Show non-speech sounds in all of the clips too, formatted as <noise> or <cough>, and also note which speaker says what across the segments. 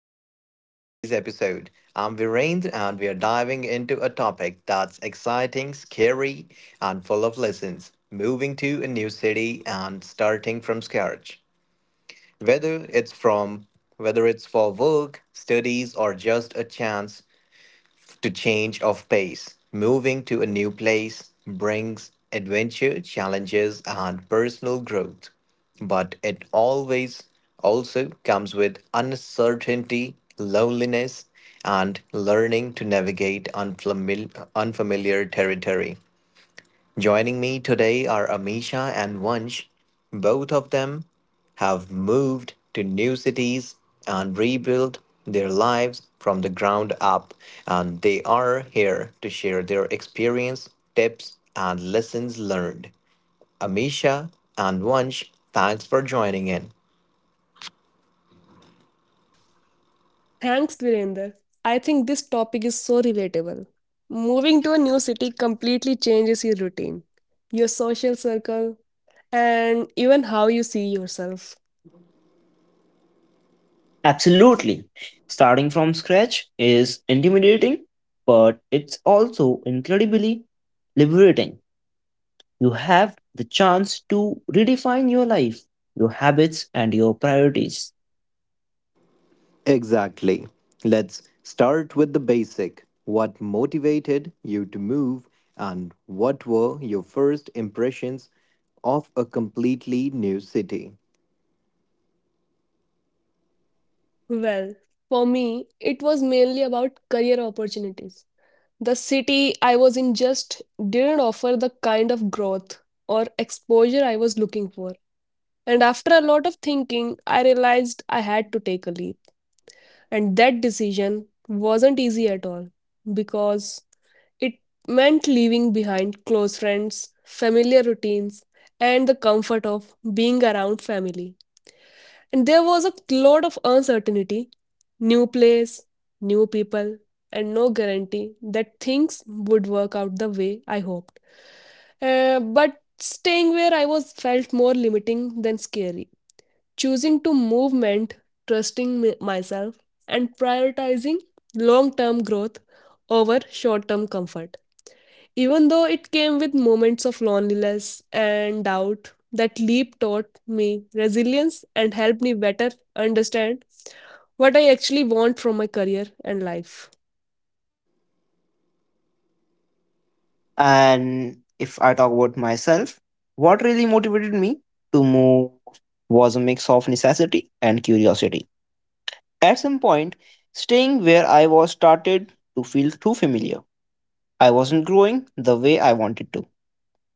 Speaker 1: Back to today's episode. I'm Virendra, and we are diving into a topic that's exciting, scary, and full of lessons: moving to a new city and starting from scratch. Whether it's from Whether it's for work, studies, or just a chance to change of pace, moving to a new place brings adventure, challenges, and personal growth. But it always also comes with uncertainty, loneliness, and learning to navigate unfamiliar territory. Joining me today are Amisha and Vansh. Both of them have moved to new cities and rebuilt their lives from the ground up, and they are here to share their experience, tips, and lessons learned. Amisha and Vansh, thanks for joining in.
Speaker 2: Thanks, Virender. I think this topic is so relatable. Moving to a new city completely changes your routine, your social circle, and even how you see yourself.
Speaker 3: Absolutely. Starting from scratch is intimidating, but it's also incredibly liberating. You have the chance to redefine your life, your habits, and your priorities.
Speaker 1: Exactly. Let's start with the basic. What motivated you to move, and what were your first impressions of a completely new city?
Speaker 2: Well, for me, it was mainly about career opportunities. The city I was in just didn't offer the kind of growth or exposure I was looking for. And after a lot of thinking, I realized I had to take a leap. And that decision wasn't easy at all because it meant leaving behind close friends, familiar routines, and the comfort of being around family. And there was a lot of uncertainty, new place, new people, and no guarantee that things would work out the way I hoped. But staying where I was felt more limiting than scary. Choosing to move meant trusting myself and prioritizing long term growth over short term comfort. Even though it came with moments of loneliness and doubt, that leap taught me resilience and helped me better understand what I actually want from my career and life.
Speaker 3: And if I talk about myself, what really motivated me to move was a mix of necessity and curiosity. At some point, staying where I was started to feel too familiar. I wasn't growing the way I wanted to,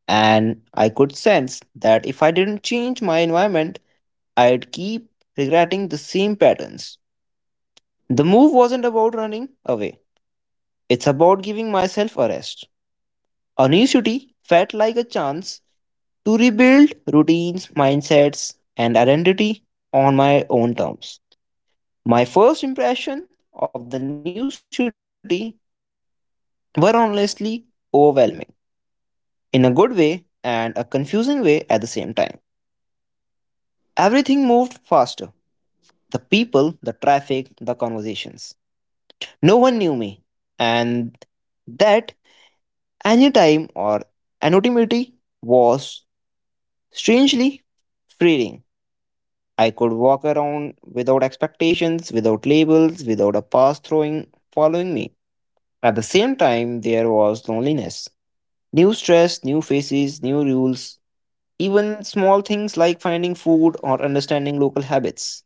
Speaker 3: and I could sense that if I didn't change my environment, I'd keep regretting the same patterns. The move wasn't about running away, it's about giving myself a rest. A new city felt like a chance to rebuild routines, mindsets, and identity on my own terms. My first impression of the new city were honestly overwhelming in a good way and a confusing way at the same time. Everything moved faster. The people, the traffic, the conversations. No one knew me. And that anytime or anonymity was strangely freeing. I could walk around without expectations, without labels, without a past throwing following me. At the same time, there was loneliness. New stress, new faces, new rules, even small things like finding food or understanding local habits.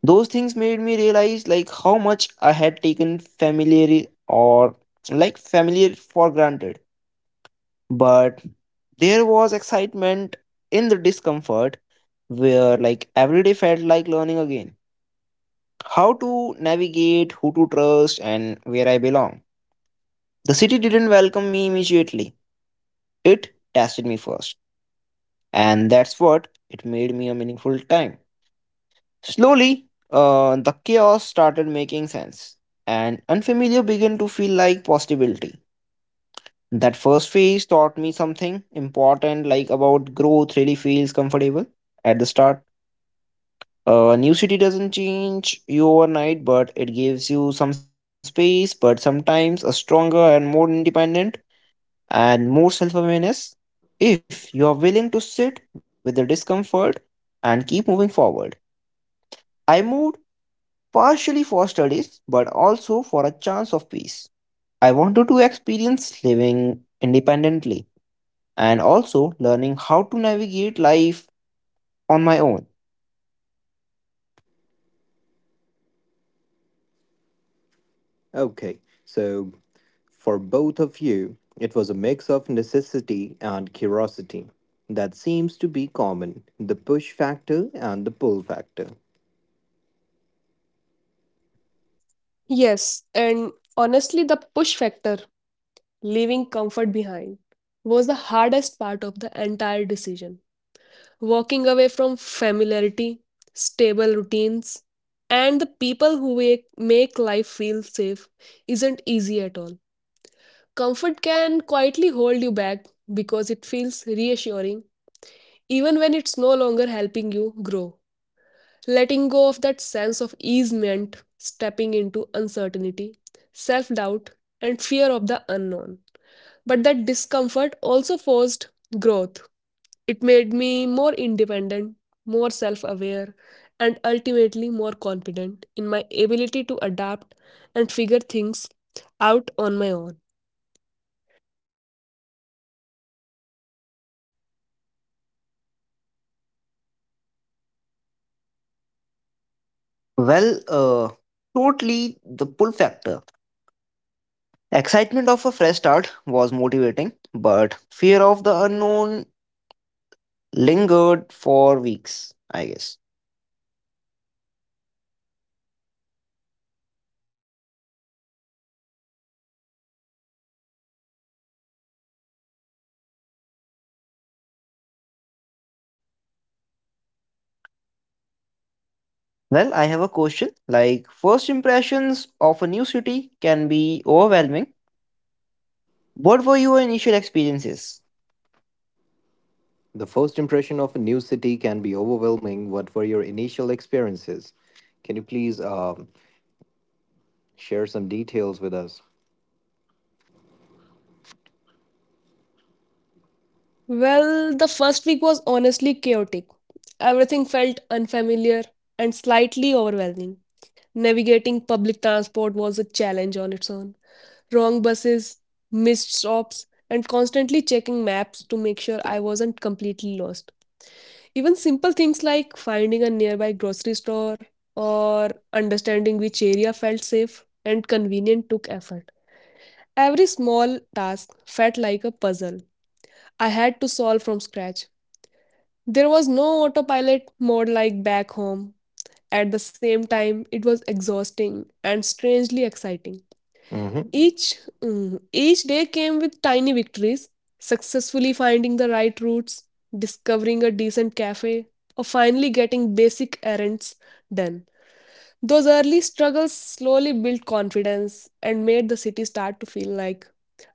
Speaker 3: Those things made me realize like how much I had taken familiar or like familiar for granted. But there was excitement in the discomfort where like every day felt like learning again. How to navigate, who to trust, and where I belong. The city didn't welcome me immediately. It tested me first. And that's what it made me a meaningful time. Slowly, the chaos started making sense, and unfamiliar began to feel like possibility. That first phase taught me something important, like about growth really feels comfortable at the start. A new city doesn't change you overnight, but it gives you some space, but sometimes a stronger and more independent and more self awareness if you are willing to sit with the discomfort and keep moving forward. I moved partially for studies but also for a chance of peace. I wanted to experience living independently and also learning how to navigate life on my own.
Speaker 1: Okay, so for both of you, it was a mix of necessity and curiosity. That seems to be common, the push factor and the pull factor.
Speaker 2: Yes, and honestly, the push factor, leaving comfort behind, was the hardest part of the entire decision. Walking away from familiarity, stable routines, and the people who make life feel safe isn't easy at all. Comfort can quietly hold you back because it feels reassuring even when it's no longer helping you grow. Letting go of that sense of ease meant stepping into uncertainty, self doubt, and fear of the unknown. But that discomfort also forced growth. It made me more independent, more self aware, and ultimately more confident in my ability to adapt and figure things out on my own.
Speaker 3: Well, uh, Totally the pull factor. Excitement of a fresh start was motivating, but fear of the unknown lingered for weeks, I guess. Well, I have a question. Like, first impressions of a new city can be overwhelming. What were your initial experiences?
Speaker 1: The first impression of a new city can be overwhelming. What were your initial experiences? Can you please, share some details with us?
Speaker 2: Well, the first week was honestly chaotic. Everything felt unfamiliar and slightly overwhelming. Navigating public transport was a challenge on its own. Wrong buses, missed stops, and constantly checking maps to make sure I wasn't completely lost. Even simple things like finding a nearby grocery store or understanding which area felt safe and convenient took effort. Every small task felt like a puzzle I had to solve from scratch. There was no autopilot mode like back home. At the same time, it was exhausting and strangely exciting.
Speaker 1: Mhm.
Speaker 2: Each each day came with tiny victories, successfully finding the right routes, discovering a decent cafe, or finally getting basic errands done. Those early struggles slowly built confidence and made the city start to feel like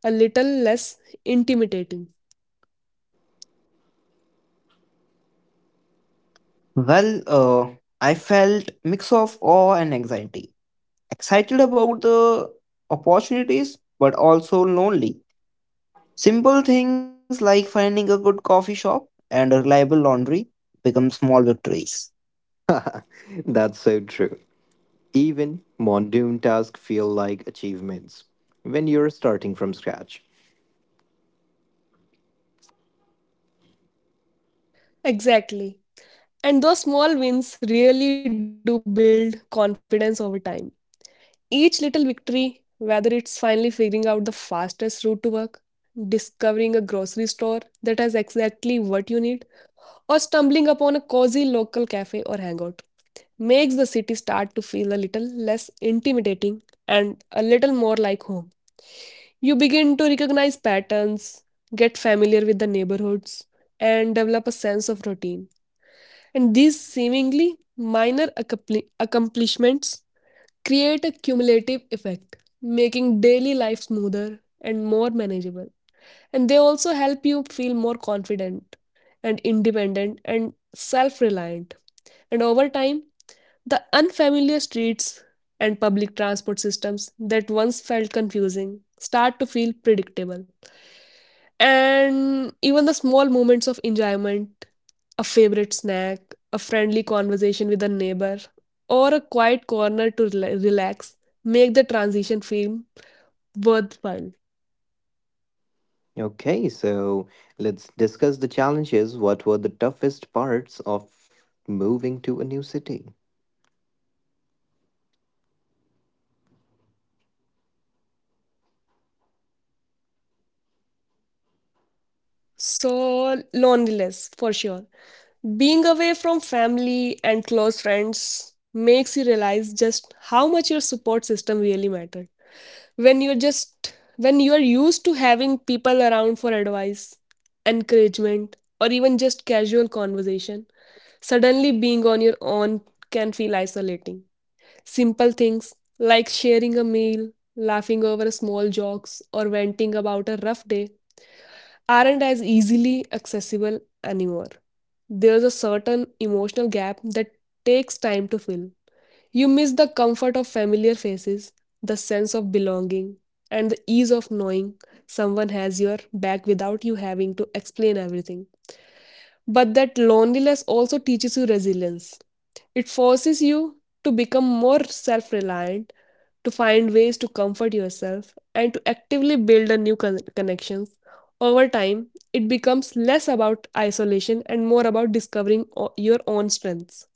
Speaker 2: a little less intimidating.
Speaker 3: Well, uh, I felt mix of awe and anxiety. Excited about the opportunities, but also lonely. Simple things like finding a good coffee shop and a reliable laundry become small victories.
Speaker 1: <laughs> That's so true. Even mundane tasks feel like achievements when you're starting from scratch.
Speaker 2: Exactly. And those small wins really do build confidence over time. Each little victory, whether it's finally figuring out the fastest route to work, discovering a grocery store that has exactly what you need, or stumbling upon a cozy local cafe or hangout, makes the city start to feel a little less intimidating and a little more like home. You begin to recognize patterns, get familiar with the neighborhoods, and develop a sense of routine. And these seemingly minor accomplishments create a cumulative effect, making daily life smoother and more manageable. And they also help you feel more confident and independent and self reliant. And over time, the unfamiliar streets and public transport systems that once felt confusing start to feel predictable. And even the small moments of enjoyment, a favorite snack, a friendly conversation with a neighbor, or a quiet corner to relax make the transition feel worthwhile.
Speaker 1: Okay, so let's discuss the challenges. What were the toughest parts of moving to a new city?
Speaker 2: So, loneliness for sure. Being away from family and close friends makes you realize just how much your support system really matters. When you're just when you are used to having people around for advice, encouragement, or even just casual conversation, suddenly being on your own can feel isolating. Simple things like sharing a meal, laughing over small jokes, or venting about a rough day aren't as easily accessible anymore. There's a certain emotional gap that takes time to fill. You miss the comfort of familiar faces, the sense of belonging, and the ease of knowing someone has your back without you having to explain everything. But that loneliness also teaches you resilience. It forces you to become more self reliant, to find ways to comfort yourself, and to actively build a new connections. Over time, it becomes less about isolation and more about discovering your own strengths.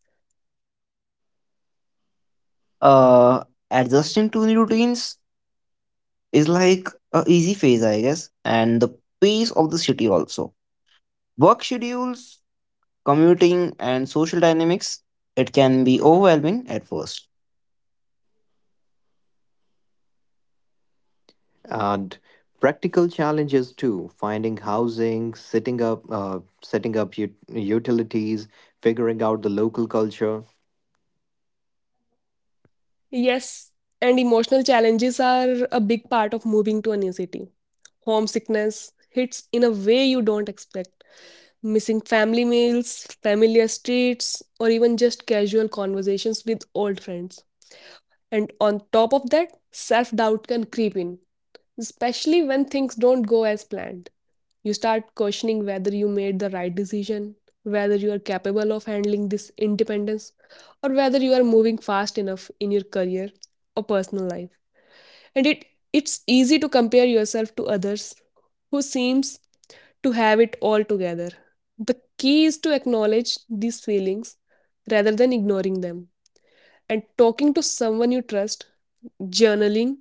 Speaker 3: Uh, Adjusting to new routines is like a easy phase, I guess, and the pace of the city also. Work schedules, commuting, and social dynamics. It can be overwhelming at first.
Speaker 1: And practical challenges too, finding housing, setting up utilities, figuring out the local culture.
Speaker 2: Yes, and emotional challenges are a big part of moving to a new city. Homesickness hits in a way you don't expect. Missing family meals, familiar streets, or even just casual conversations with old friends. And on top of that, self doubt can creep in, especially when things don't go as planned. You start questioning whether you made the right decision, whether you are capable of handling this independence, or whether you are moving fast enough in your career or personal life. And it's easy to compare yourself to others who seems to have it all together. The key is to acknowledge these feelings rather than ignoring them, and talking to someone you trust, journaling,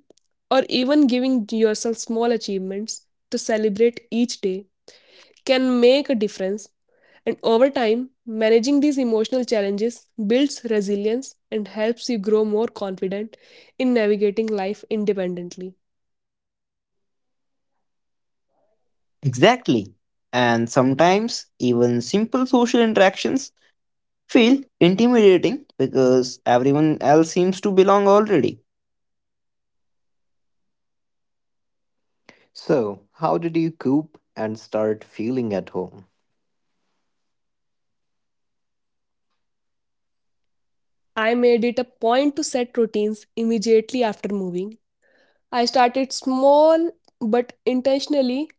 Speaker 2: or even giving yourself small achievements to celebrate each day can make a difference. And over time, managing these emotional challenges builds resilience and helps you grow more confident in navigating life independently.
Speaker 3: Exactly. And sometimes even simple social interactions feel intimidating because everyone else seems to belong already.
Speaker 1: So, how did you cope and start feeling at home?
Speaker 2: I made it a point to set routines immediately after moving. I started small but intentionally,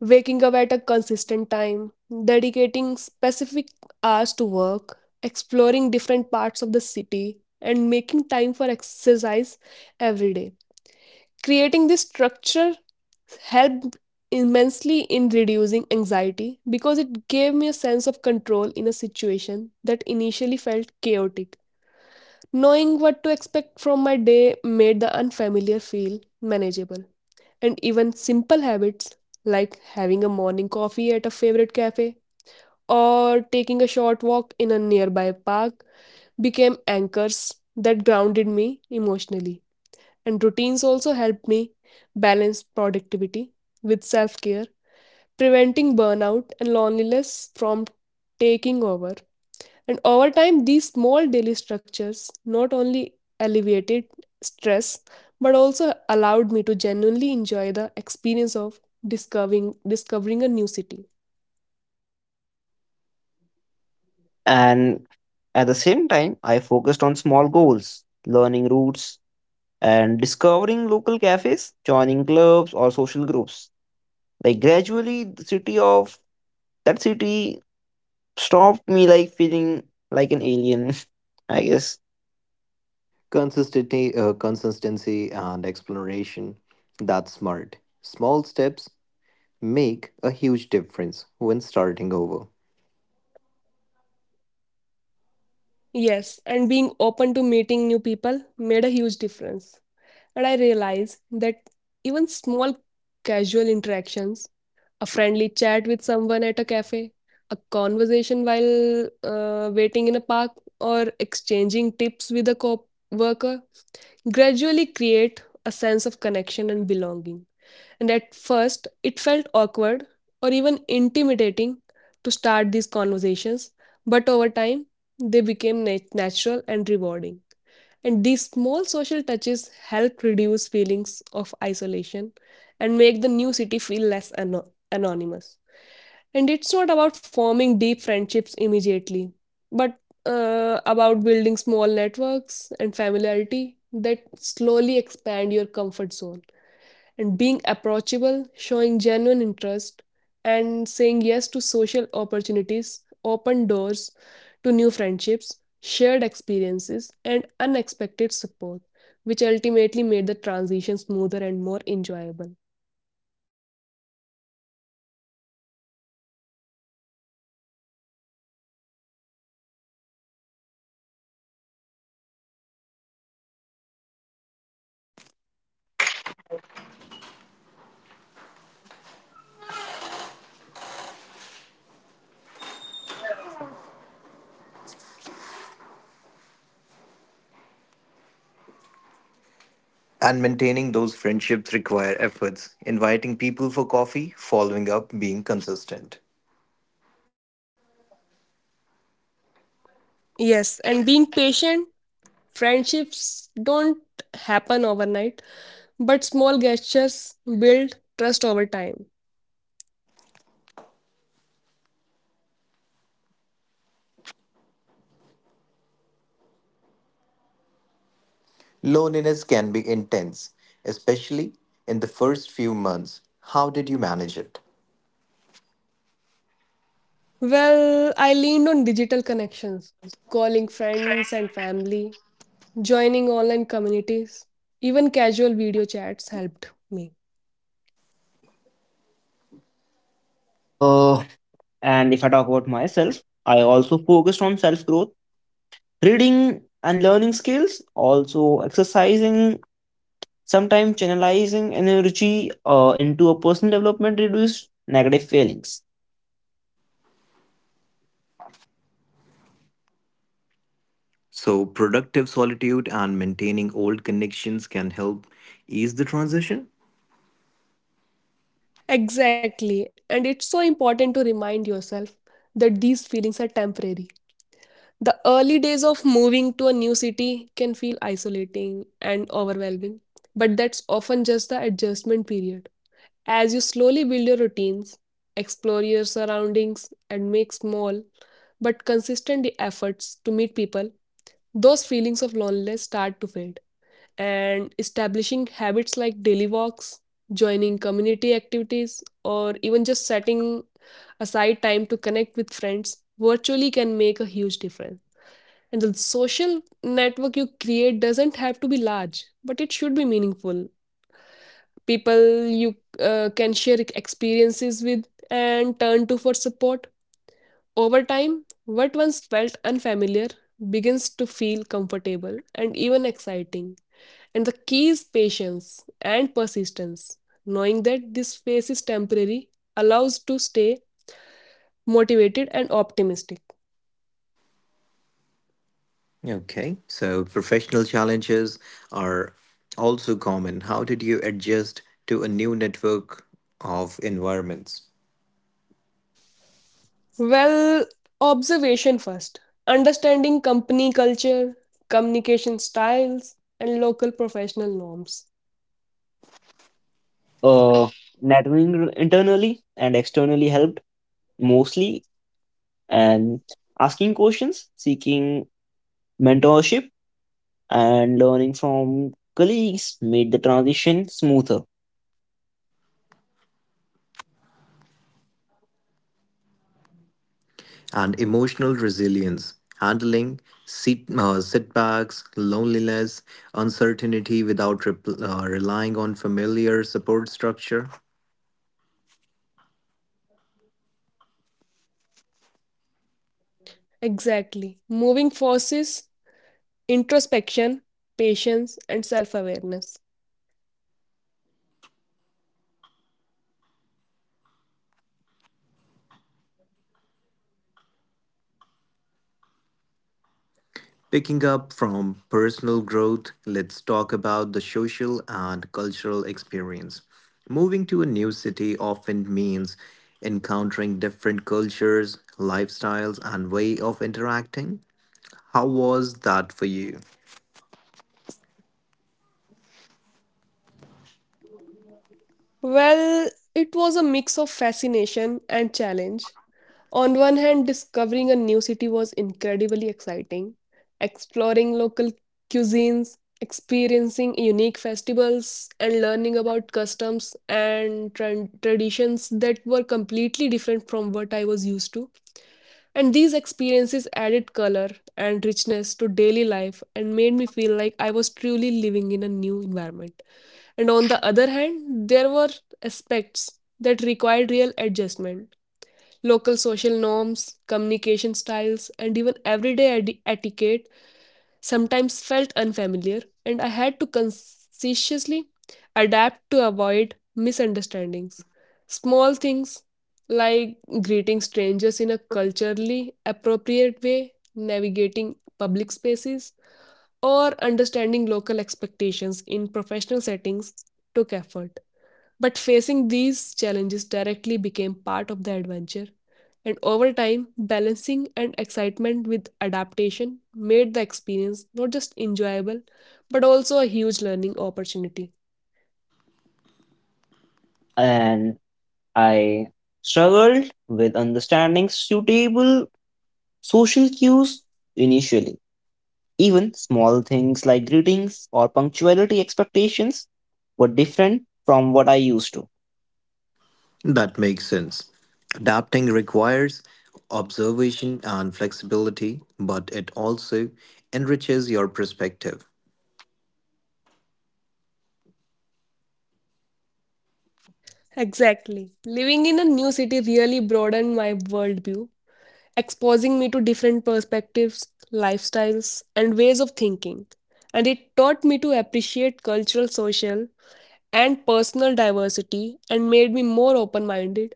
Speaker 2: waking up at a consistent time, dedicating specific hours to work, exploring different parts of the city, and making time for exercise every day. Creating this structure helped immensely in reducing anxiety because it gave me a sense of control in a situation that initially felt chaotic. Knowing what to expect from my day made the unfamiliar feel manageable, and even simple habits like having a morning coffee at a favorite cafe or taking a short walk in a nearby park became anchors that grounded me emotionally. And routines also helped me balance productivity with self care, preventing burnout and loneliness from taking over. And over time, these small daily structures not only alleviated stress but also allowed me to genuinely enjoy the experience of discovering a new city.
Speaker 3: And at the same time, I focused on small goals, learning routes, and discovering local cafes, joining clubs or social groups. Like gradually, the city of that city stopped me like feeling like an alien, <laughs> I guess.
Speaker 1: Consistency and exploration. That's smart. Small steps make a huge difference when starting over.
Speaker 2: Yes, and being open to meeting new people made a huge difference. And I realized that even small casual interactions, a friendly chat with someone at a cafe, a conversation while waiting in a park, or exchanging tips with a co worker gradually create a sense of connection and belonging. And at first, it felt awkward or even intimidating to start these conversations, but over time, they became natural and rewarding. And these small social touches help reduce feelings of isolation and make the new city feel less anonymous. And it's not about forming deep friendships immediately, but about building small networks and familiarity that slowly expand your comfort zone. And being approachable, showing genuine interest, and saying yes to social opportunities open doors to new friendships, shared experiences, and unexpected support, which ultimately made the transition smoother and more enjoyable.
Speaker 1: And maintaining those friendships require efforts, inviting people for coffee, following up, being consistent.
Speaker 2: Yes, and being patient. Friendships don't happen overnight, but small gestures build trust over time.
Speaker 1: Loneliness can be intense, especially in the first few months. How did you manage it?
Speaker 2: Well, I leaned on digital connections, calling friends and family, joining online communities, even casual video chats helped me.
Speaker 3: Uh, and if I talk about myself, I also focused on self growth reading and learning skills, also exercising, sometimes channelizing energy into a personal development reduced negative feelings.
Speaker 1: So, productive solitude and maintaining old connections can help ease the transition.
Speaker 2: Exactly. And it's so important to remind yourself that these feelings are temporary. The early days of moving to a new city can feel isolating and overwhelming, but that's often just the adjustment period. As you slowly build your routines, explore your surroundings, and make small but consistent efforts to meet people, those feelings of loneliness start to fade. And establishing habits like daily walks, joining community activities, or even just setting aside time to connect with friends virtually can make a huge difference. And the social network you create doesn't have to be large, but it should be meaningful. People you can share experiences with and turn to for support. Over time, what once felt unfamiliar begins to feel comfortable and even exciting. And the key is patience and persistence. Knowing that this phase is temporary allows to stay motivated and optimistic.
Speaker 1: Okay, so professional challenges are also common. How did you adjust to a new network of environments?
Speaker 2: Well, observation first. Understanding company culture, communication styles, and local professional norms.
Speaker 3: Uh, Networking internally and externally helped mostly, and asking questions, seeking mentorship, and learning from colleagues made the transition smoother.
Speaker 1: And emotional resilience, handling setbacks, loneliness, uncertainty without repl relying on familiar support structure.
Speaker 2: Exactly. Moving forces, introspection, patience, and self awareness.
Speaker 1: Picking up from personal growth, let's talk about the social and cultural experience. Moving to a new city often means encountering different cultures, lifestyles, and way of interacting. How was that for you?
Speaker 2: Well, it was a mix of fascination and challenge. On one hand, discovering a new city was incredibly exciting. Exploring local cuisines, experiencing unique festivals, and learning about customs and traditions that were completely different from what I was used to. And these experiences added color and richness to daily life and made me feel like I was truly living in a new environment. And on the other hand, there were aspects that required real adjustment. Local social norms, communication styles, and even everyday etiquette sometimes felt unfamiliar, and I had to consciously adapt to avoid misunderstandings. Small things like greeting strangers in a culturally appropriate way, navigating public spaces, or understanding local expectations in professional settings took effort. But facing these challenges directly became part of the adventure, and over time, balancing and excitement with adaptation made the experience not just enjoyable, but also a huge learning opportunity.
Speaker 3: And I struggled with understanding suitable social cues initially. Even small things like greetings or punctuality expectations were different from what I used to.
Speaker 1: That makes sense. Adapting requires observation and flexibility, but it also enriches your perspective.
Speaker 2: Exactly. Living in a new city really broadened my worldview, exposing me to different perspectives, lifestyles, and ways of thinking. And it taught me to appreciate cultural, social, and personal diversity and made me more open minded,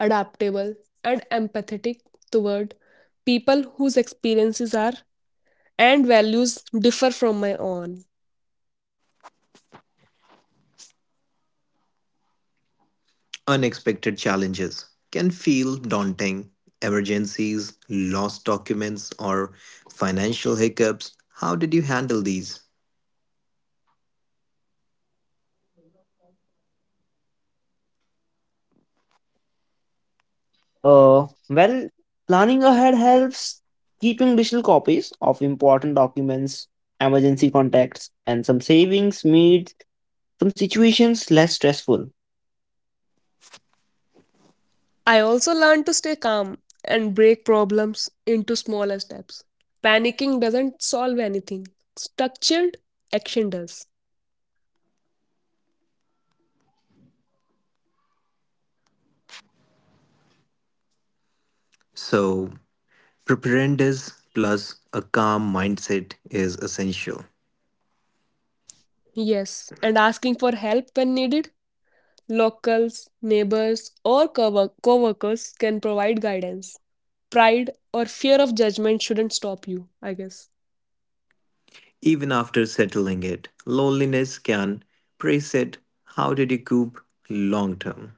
Speaker 2: adaptable, and empathetic toward people whose experiences are and values differ from my own.
Speaker 1: Unexpected challenges can feel daunting. Emergencies, lost documents, or financial hiccups. How did you handle these?
Speaker 3: Uh, well, Planning ahead helps keeping digital copies of important documents, emergency contacts, and some savings made some situations less stressful.
Speaker 2: I also learned to stay calm and break problems into smaller steps. Panicking doesn't solve anything, structured action does.
Speaker 1: So, preparedness plus a calm mindset is essential.
Speaker 2: Yes, and asking for help when needed. Locals, neighbors, or co workers can provide guidance. Pride or fear of judgment shouldn't stop you, I guess.
Speaker 1: Even after settling it, loneliness can preset. How did you cope long term?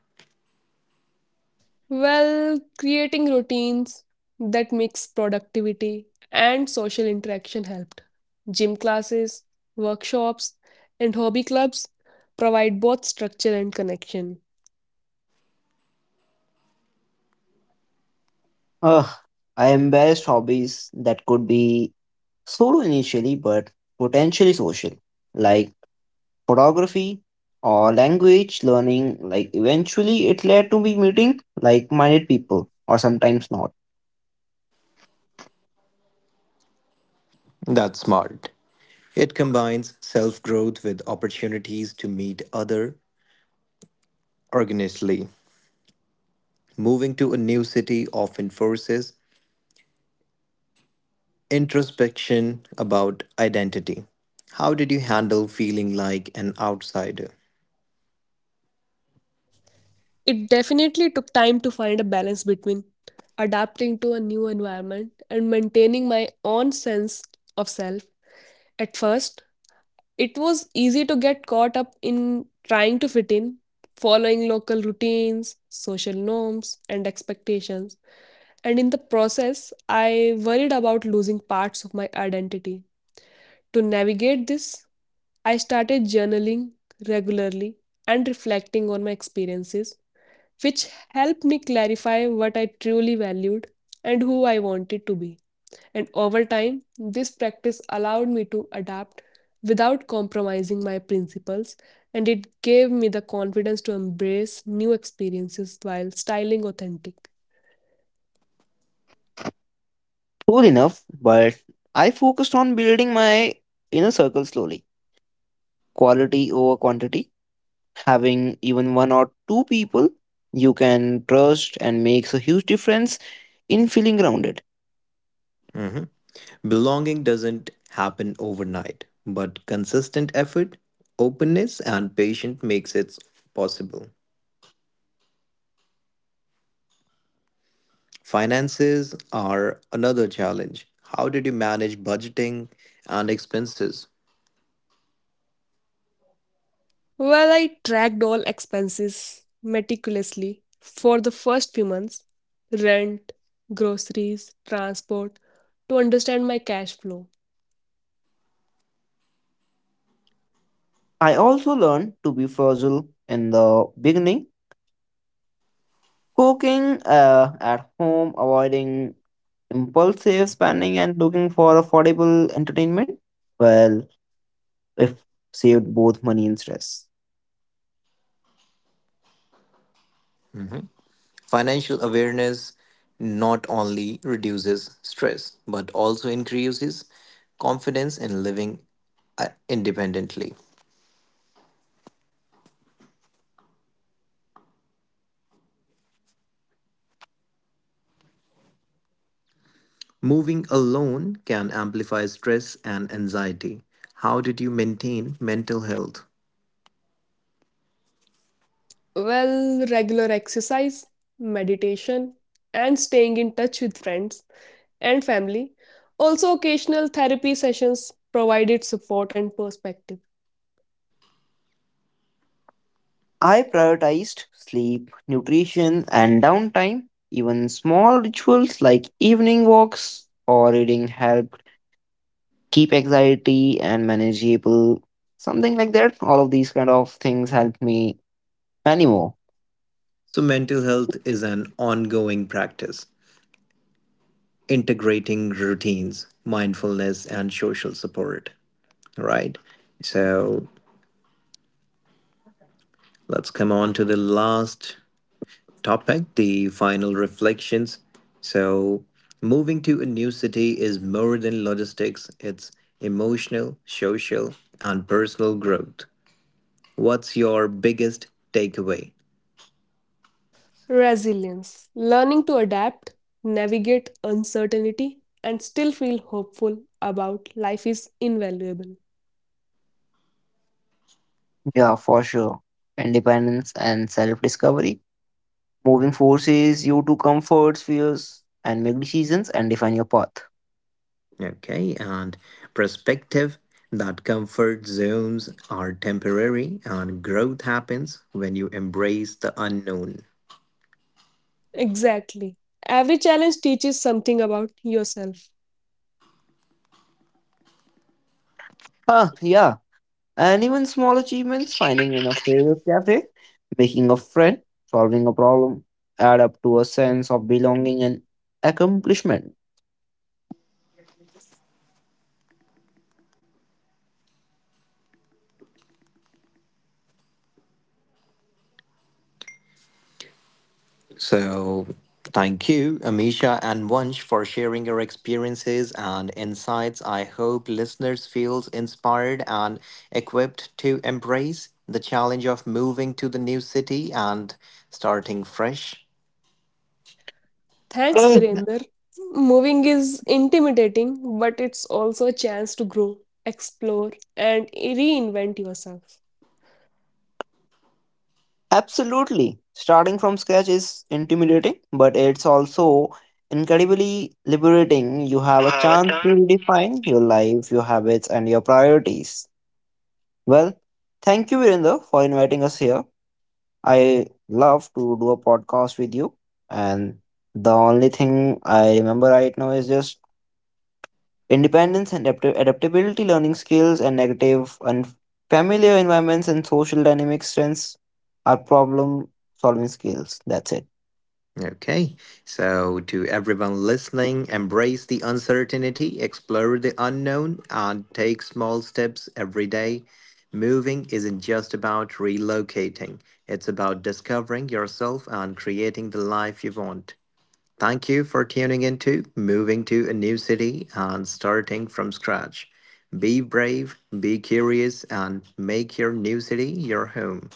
Speaker 2: Well, creating routines that mix productivity and social interaction helped. Gym classes, workshops, and hobby clubs provide both structure and connection.
Speaker 3: Ugh, I embraced hobbies that could be solo initially but potentially social, like photography or language learning. Like eventually it led to me meeting like minded people or sometimes not.
Speaker 1: That's smart. It combines self growth with opportunities to meet other organically. Moving to a new city often forces introspection about identity. How did you handle feeling like an outsider?
Speaker 2: It definitely took time to find a balance between adapting to a new environment and maintaining my own sense of self. At first, it was easy to get caught up in trying to fit in, following local routines, social norms, and expectations. And in the process, I worried about losing parts of my identity. To navigate this, I started journaling regularly and reflecting on my experiences, which helped me clarify what I truly valued and who I wanted to be. And over time, this practice allowed me to adapt without compromising my principles, and it gave me the confidence to embrace new experiences while styling authentic.
Speaker 3: Cool enough, but I focused on building my inner circle slowly. Quality over quantity. Having even one or two people you can trust and makes a huge difference in feeling grounded.
Speaker 1: Mhm. Belonging doesn't happen overnight, but consistent effort, openness, and patience makes it possible. Finances are another challenge. How did you manage budgeting and expenses?
Speaker 2: Well, I tracked all expenses meticulously for the first few months, rent, groceries, transport, to understand my cash flow.
Speaker 3: I also learned to be fragile in the beginning. Cooking at home, avoiding impulsive spending, and looking for affordable entertainment. Well, if saved both money and stress.
Speaker 1: Financial awareness not only reduces stress but also increases confidence in living independently. Moving alone can amplify stress and anxiety. How did you maintain mental health?
Speaker 2: Well, regular exercise, meditation, and staying in touch with friends and family. Also, occasional therapy sessions provided support and perspective.
Speaker 3: I prioritized sleep, nutrition, and downtime. Even small rituals like evening walks or reading helped keep anxiety and manageable. Something like that. All of these kind of things helped me anymore.
Speaker 1: So, mental health is an ongoing practice, integrating routines, mindfulness, and social support, right? So, let's come on to the last topic, the final reflections. So, moving to a new city is more than logistics, it's emotional, social, and personal growth. What's your biggest takeaway?
Speaker 2: Resilience, learning to adapt, navigate uncertainty, and still feel hopeful about life is invaluable.
Speaker 3: Yeah, for sure. Independence and self discovery. Moving forces you to comfort spheres and make decisions and define your path.
Speaker 1: Okay, and perspective that comfort zones are temporary and growth happens when you embrace the unknown.
Speaker 2: Exactly. Every challenge teaches something about yourself.
Speaker 3: Ah, yeah. And even small achievements, finding in a favorite cafe, making a friend, solving a problem, add up to a sense of belonging and accomplishment.
Speaker 1: So, thank you, Amisha and Wunsch, for sharing your experiences and insights. I hope listeners feels inspired and equipped to embrace the challenge of moving to the new city and starting fresh.
Speaker 2: Thanks,
Speaker 3: Ah,
Speaker 2: Virender. Moving is intimidating, but it's also a chance to grow, explore, and reinvent yourself.
Speaker 3: absolutely. Starting from scratch is intimidating, but it's also incredibly liberating. You have a chance to redefine your life, your habits, and your priorities. Well, thank you, Virendra, for inviting us here. I love to do a podcast with you. And the only thing I remember right now is just independence and adaptability, learning skills, and negative and familiar environments and social dynamic strengths are problem solving skills. That's it.
Speaker 1: Okay, so to everyone listening, embrace the uncertainty, explore the unknown, and take small steps every day. Moving isn't just about relocating, it's about discovering yourself and creating the life you want. Thank you for tuning into Moving to a New City and Starting from Scratch. Be brave, be curious, and make your new city your home.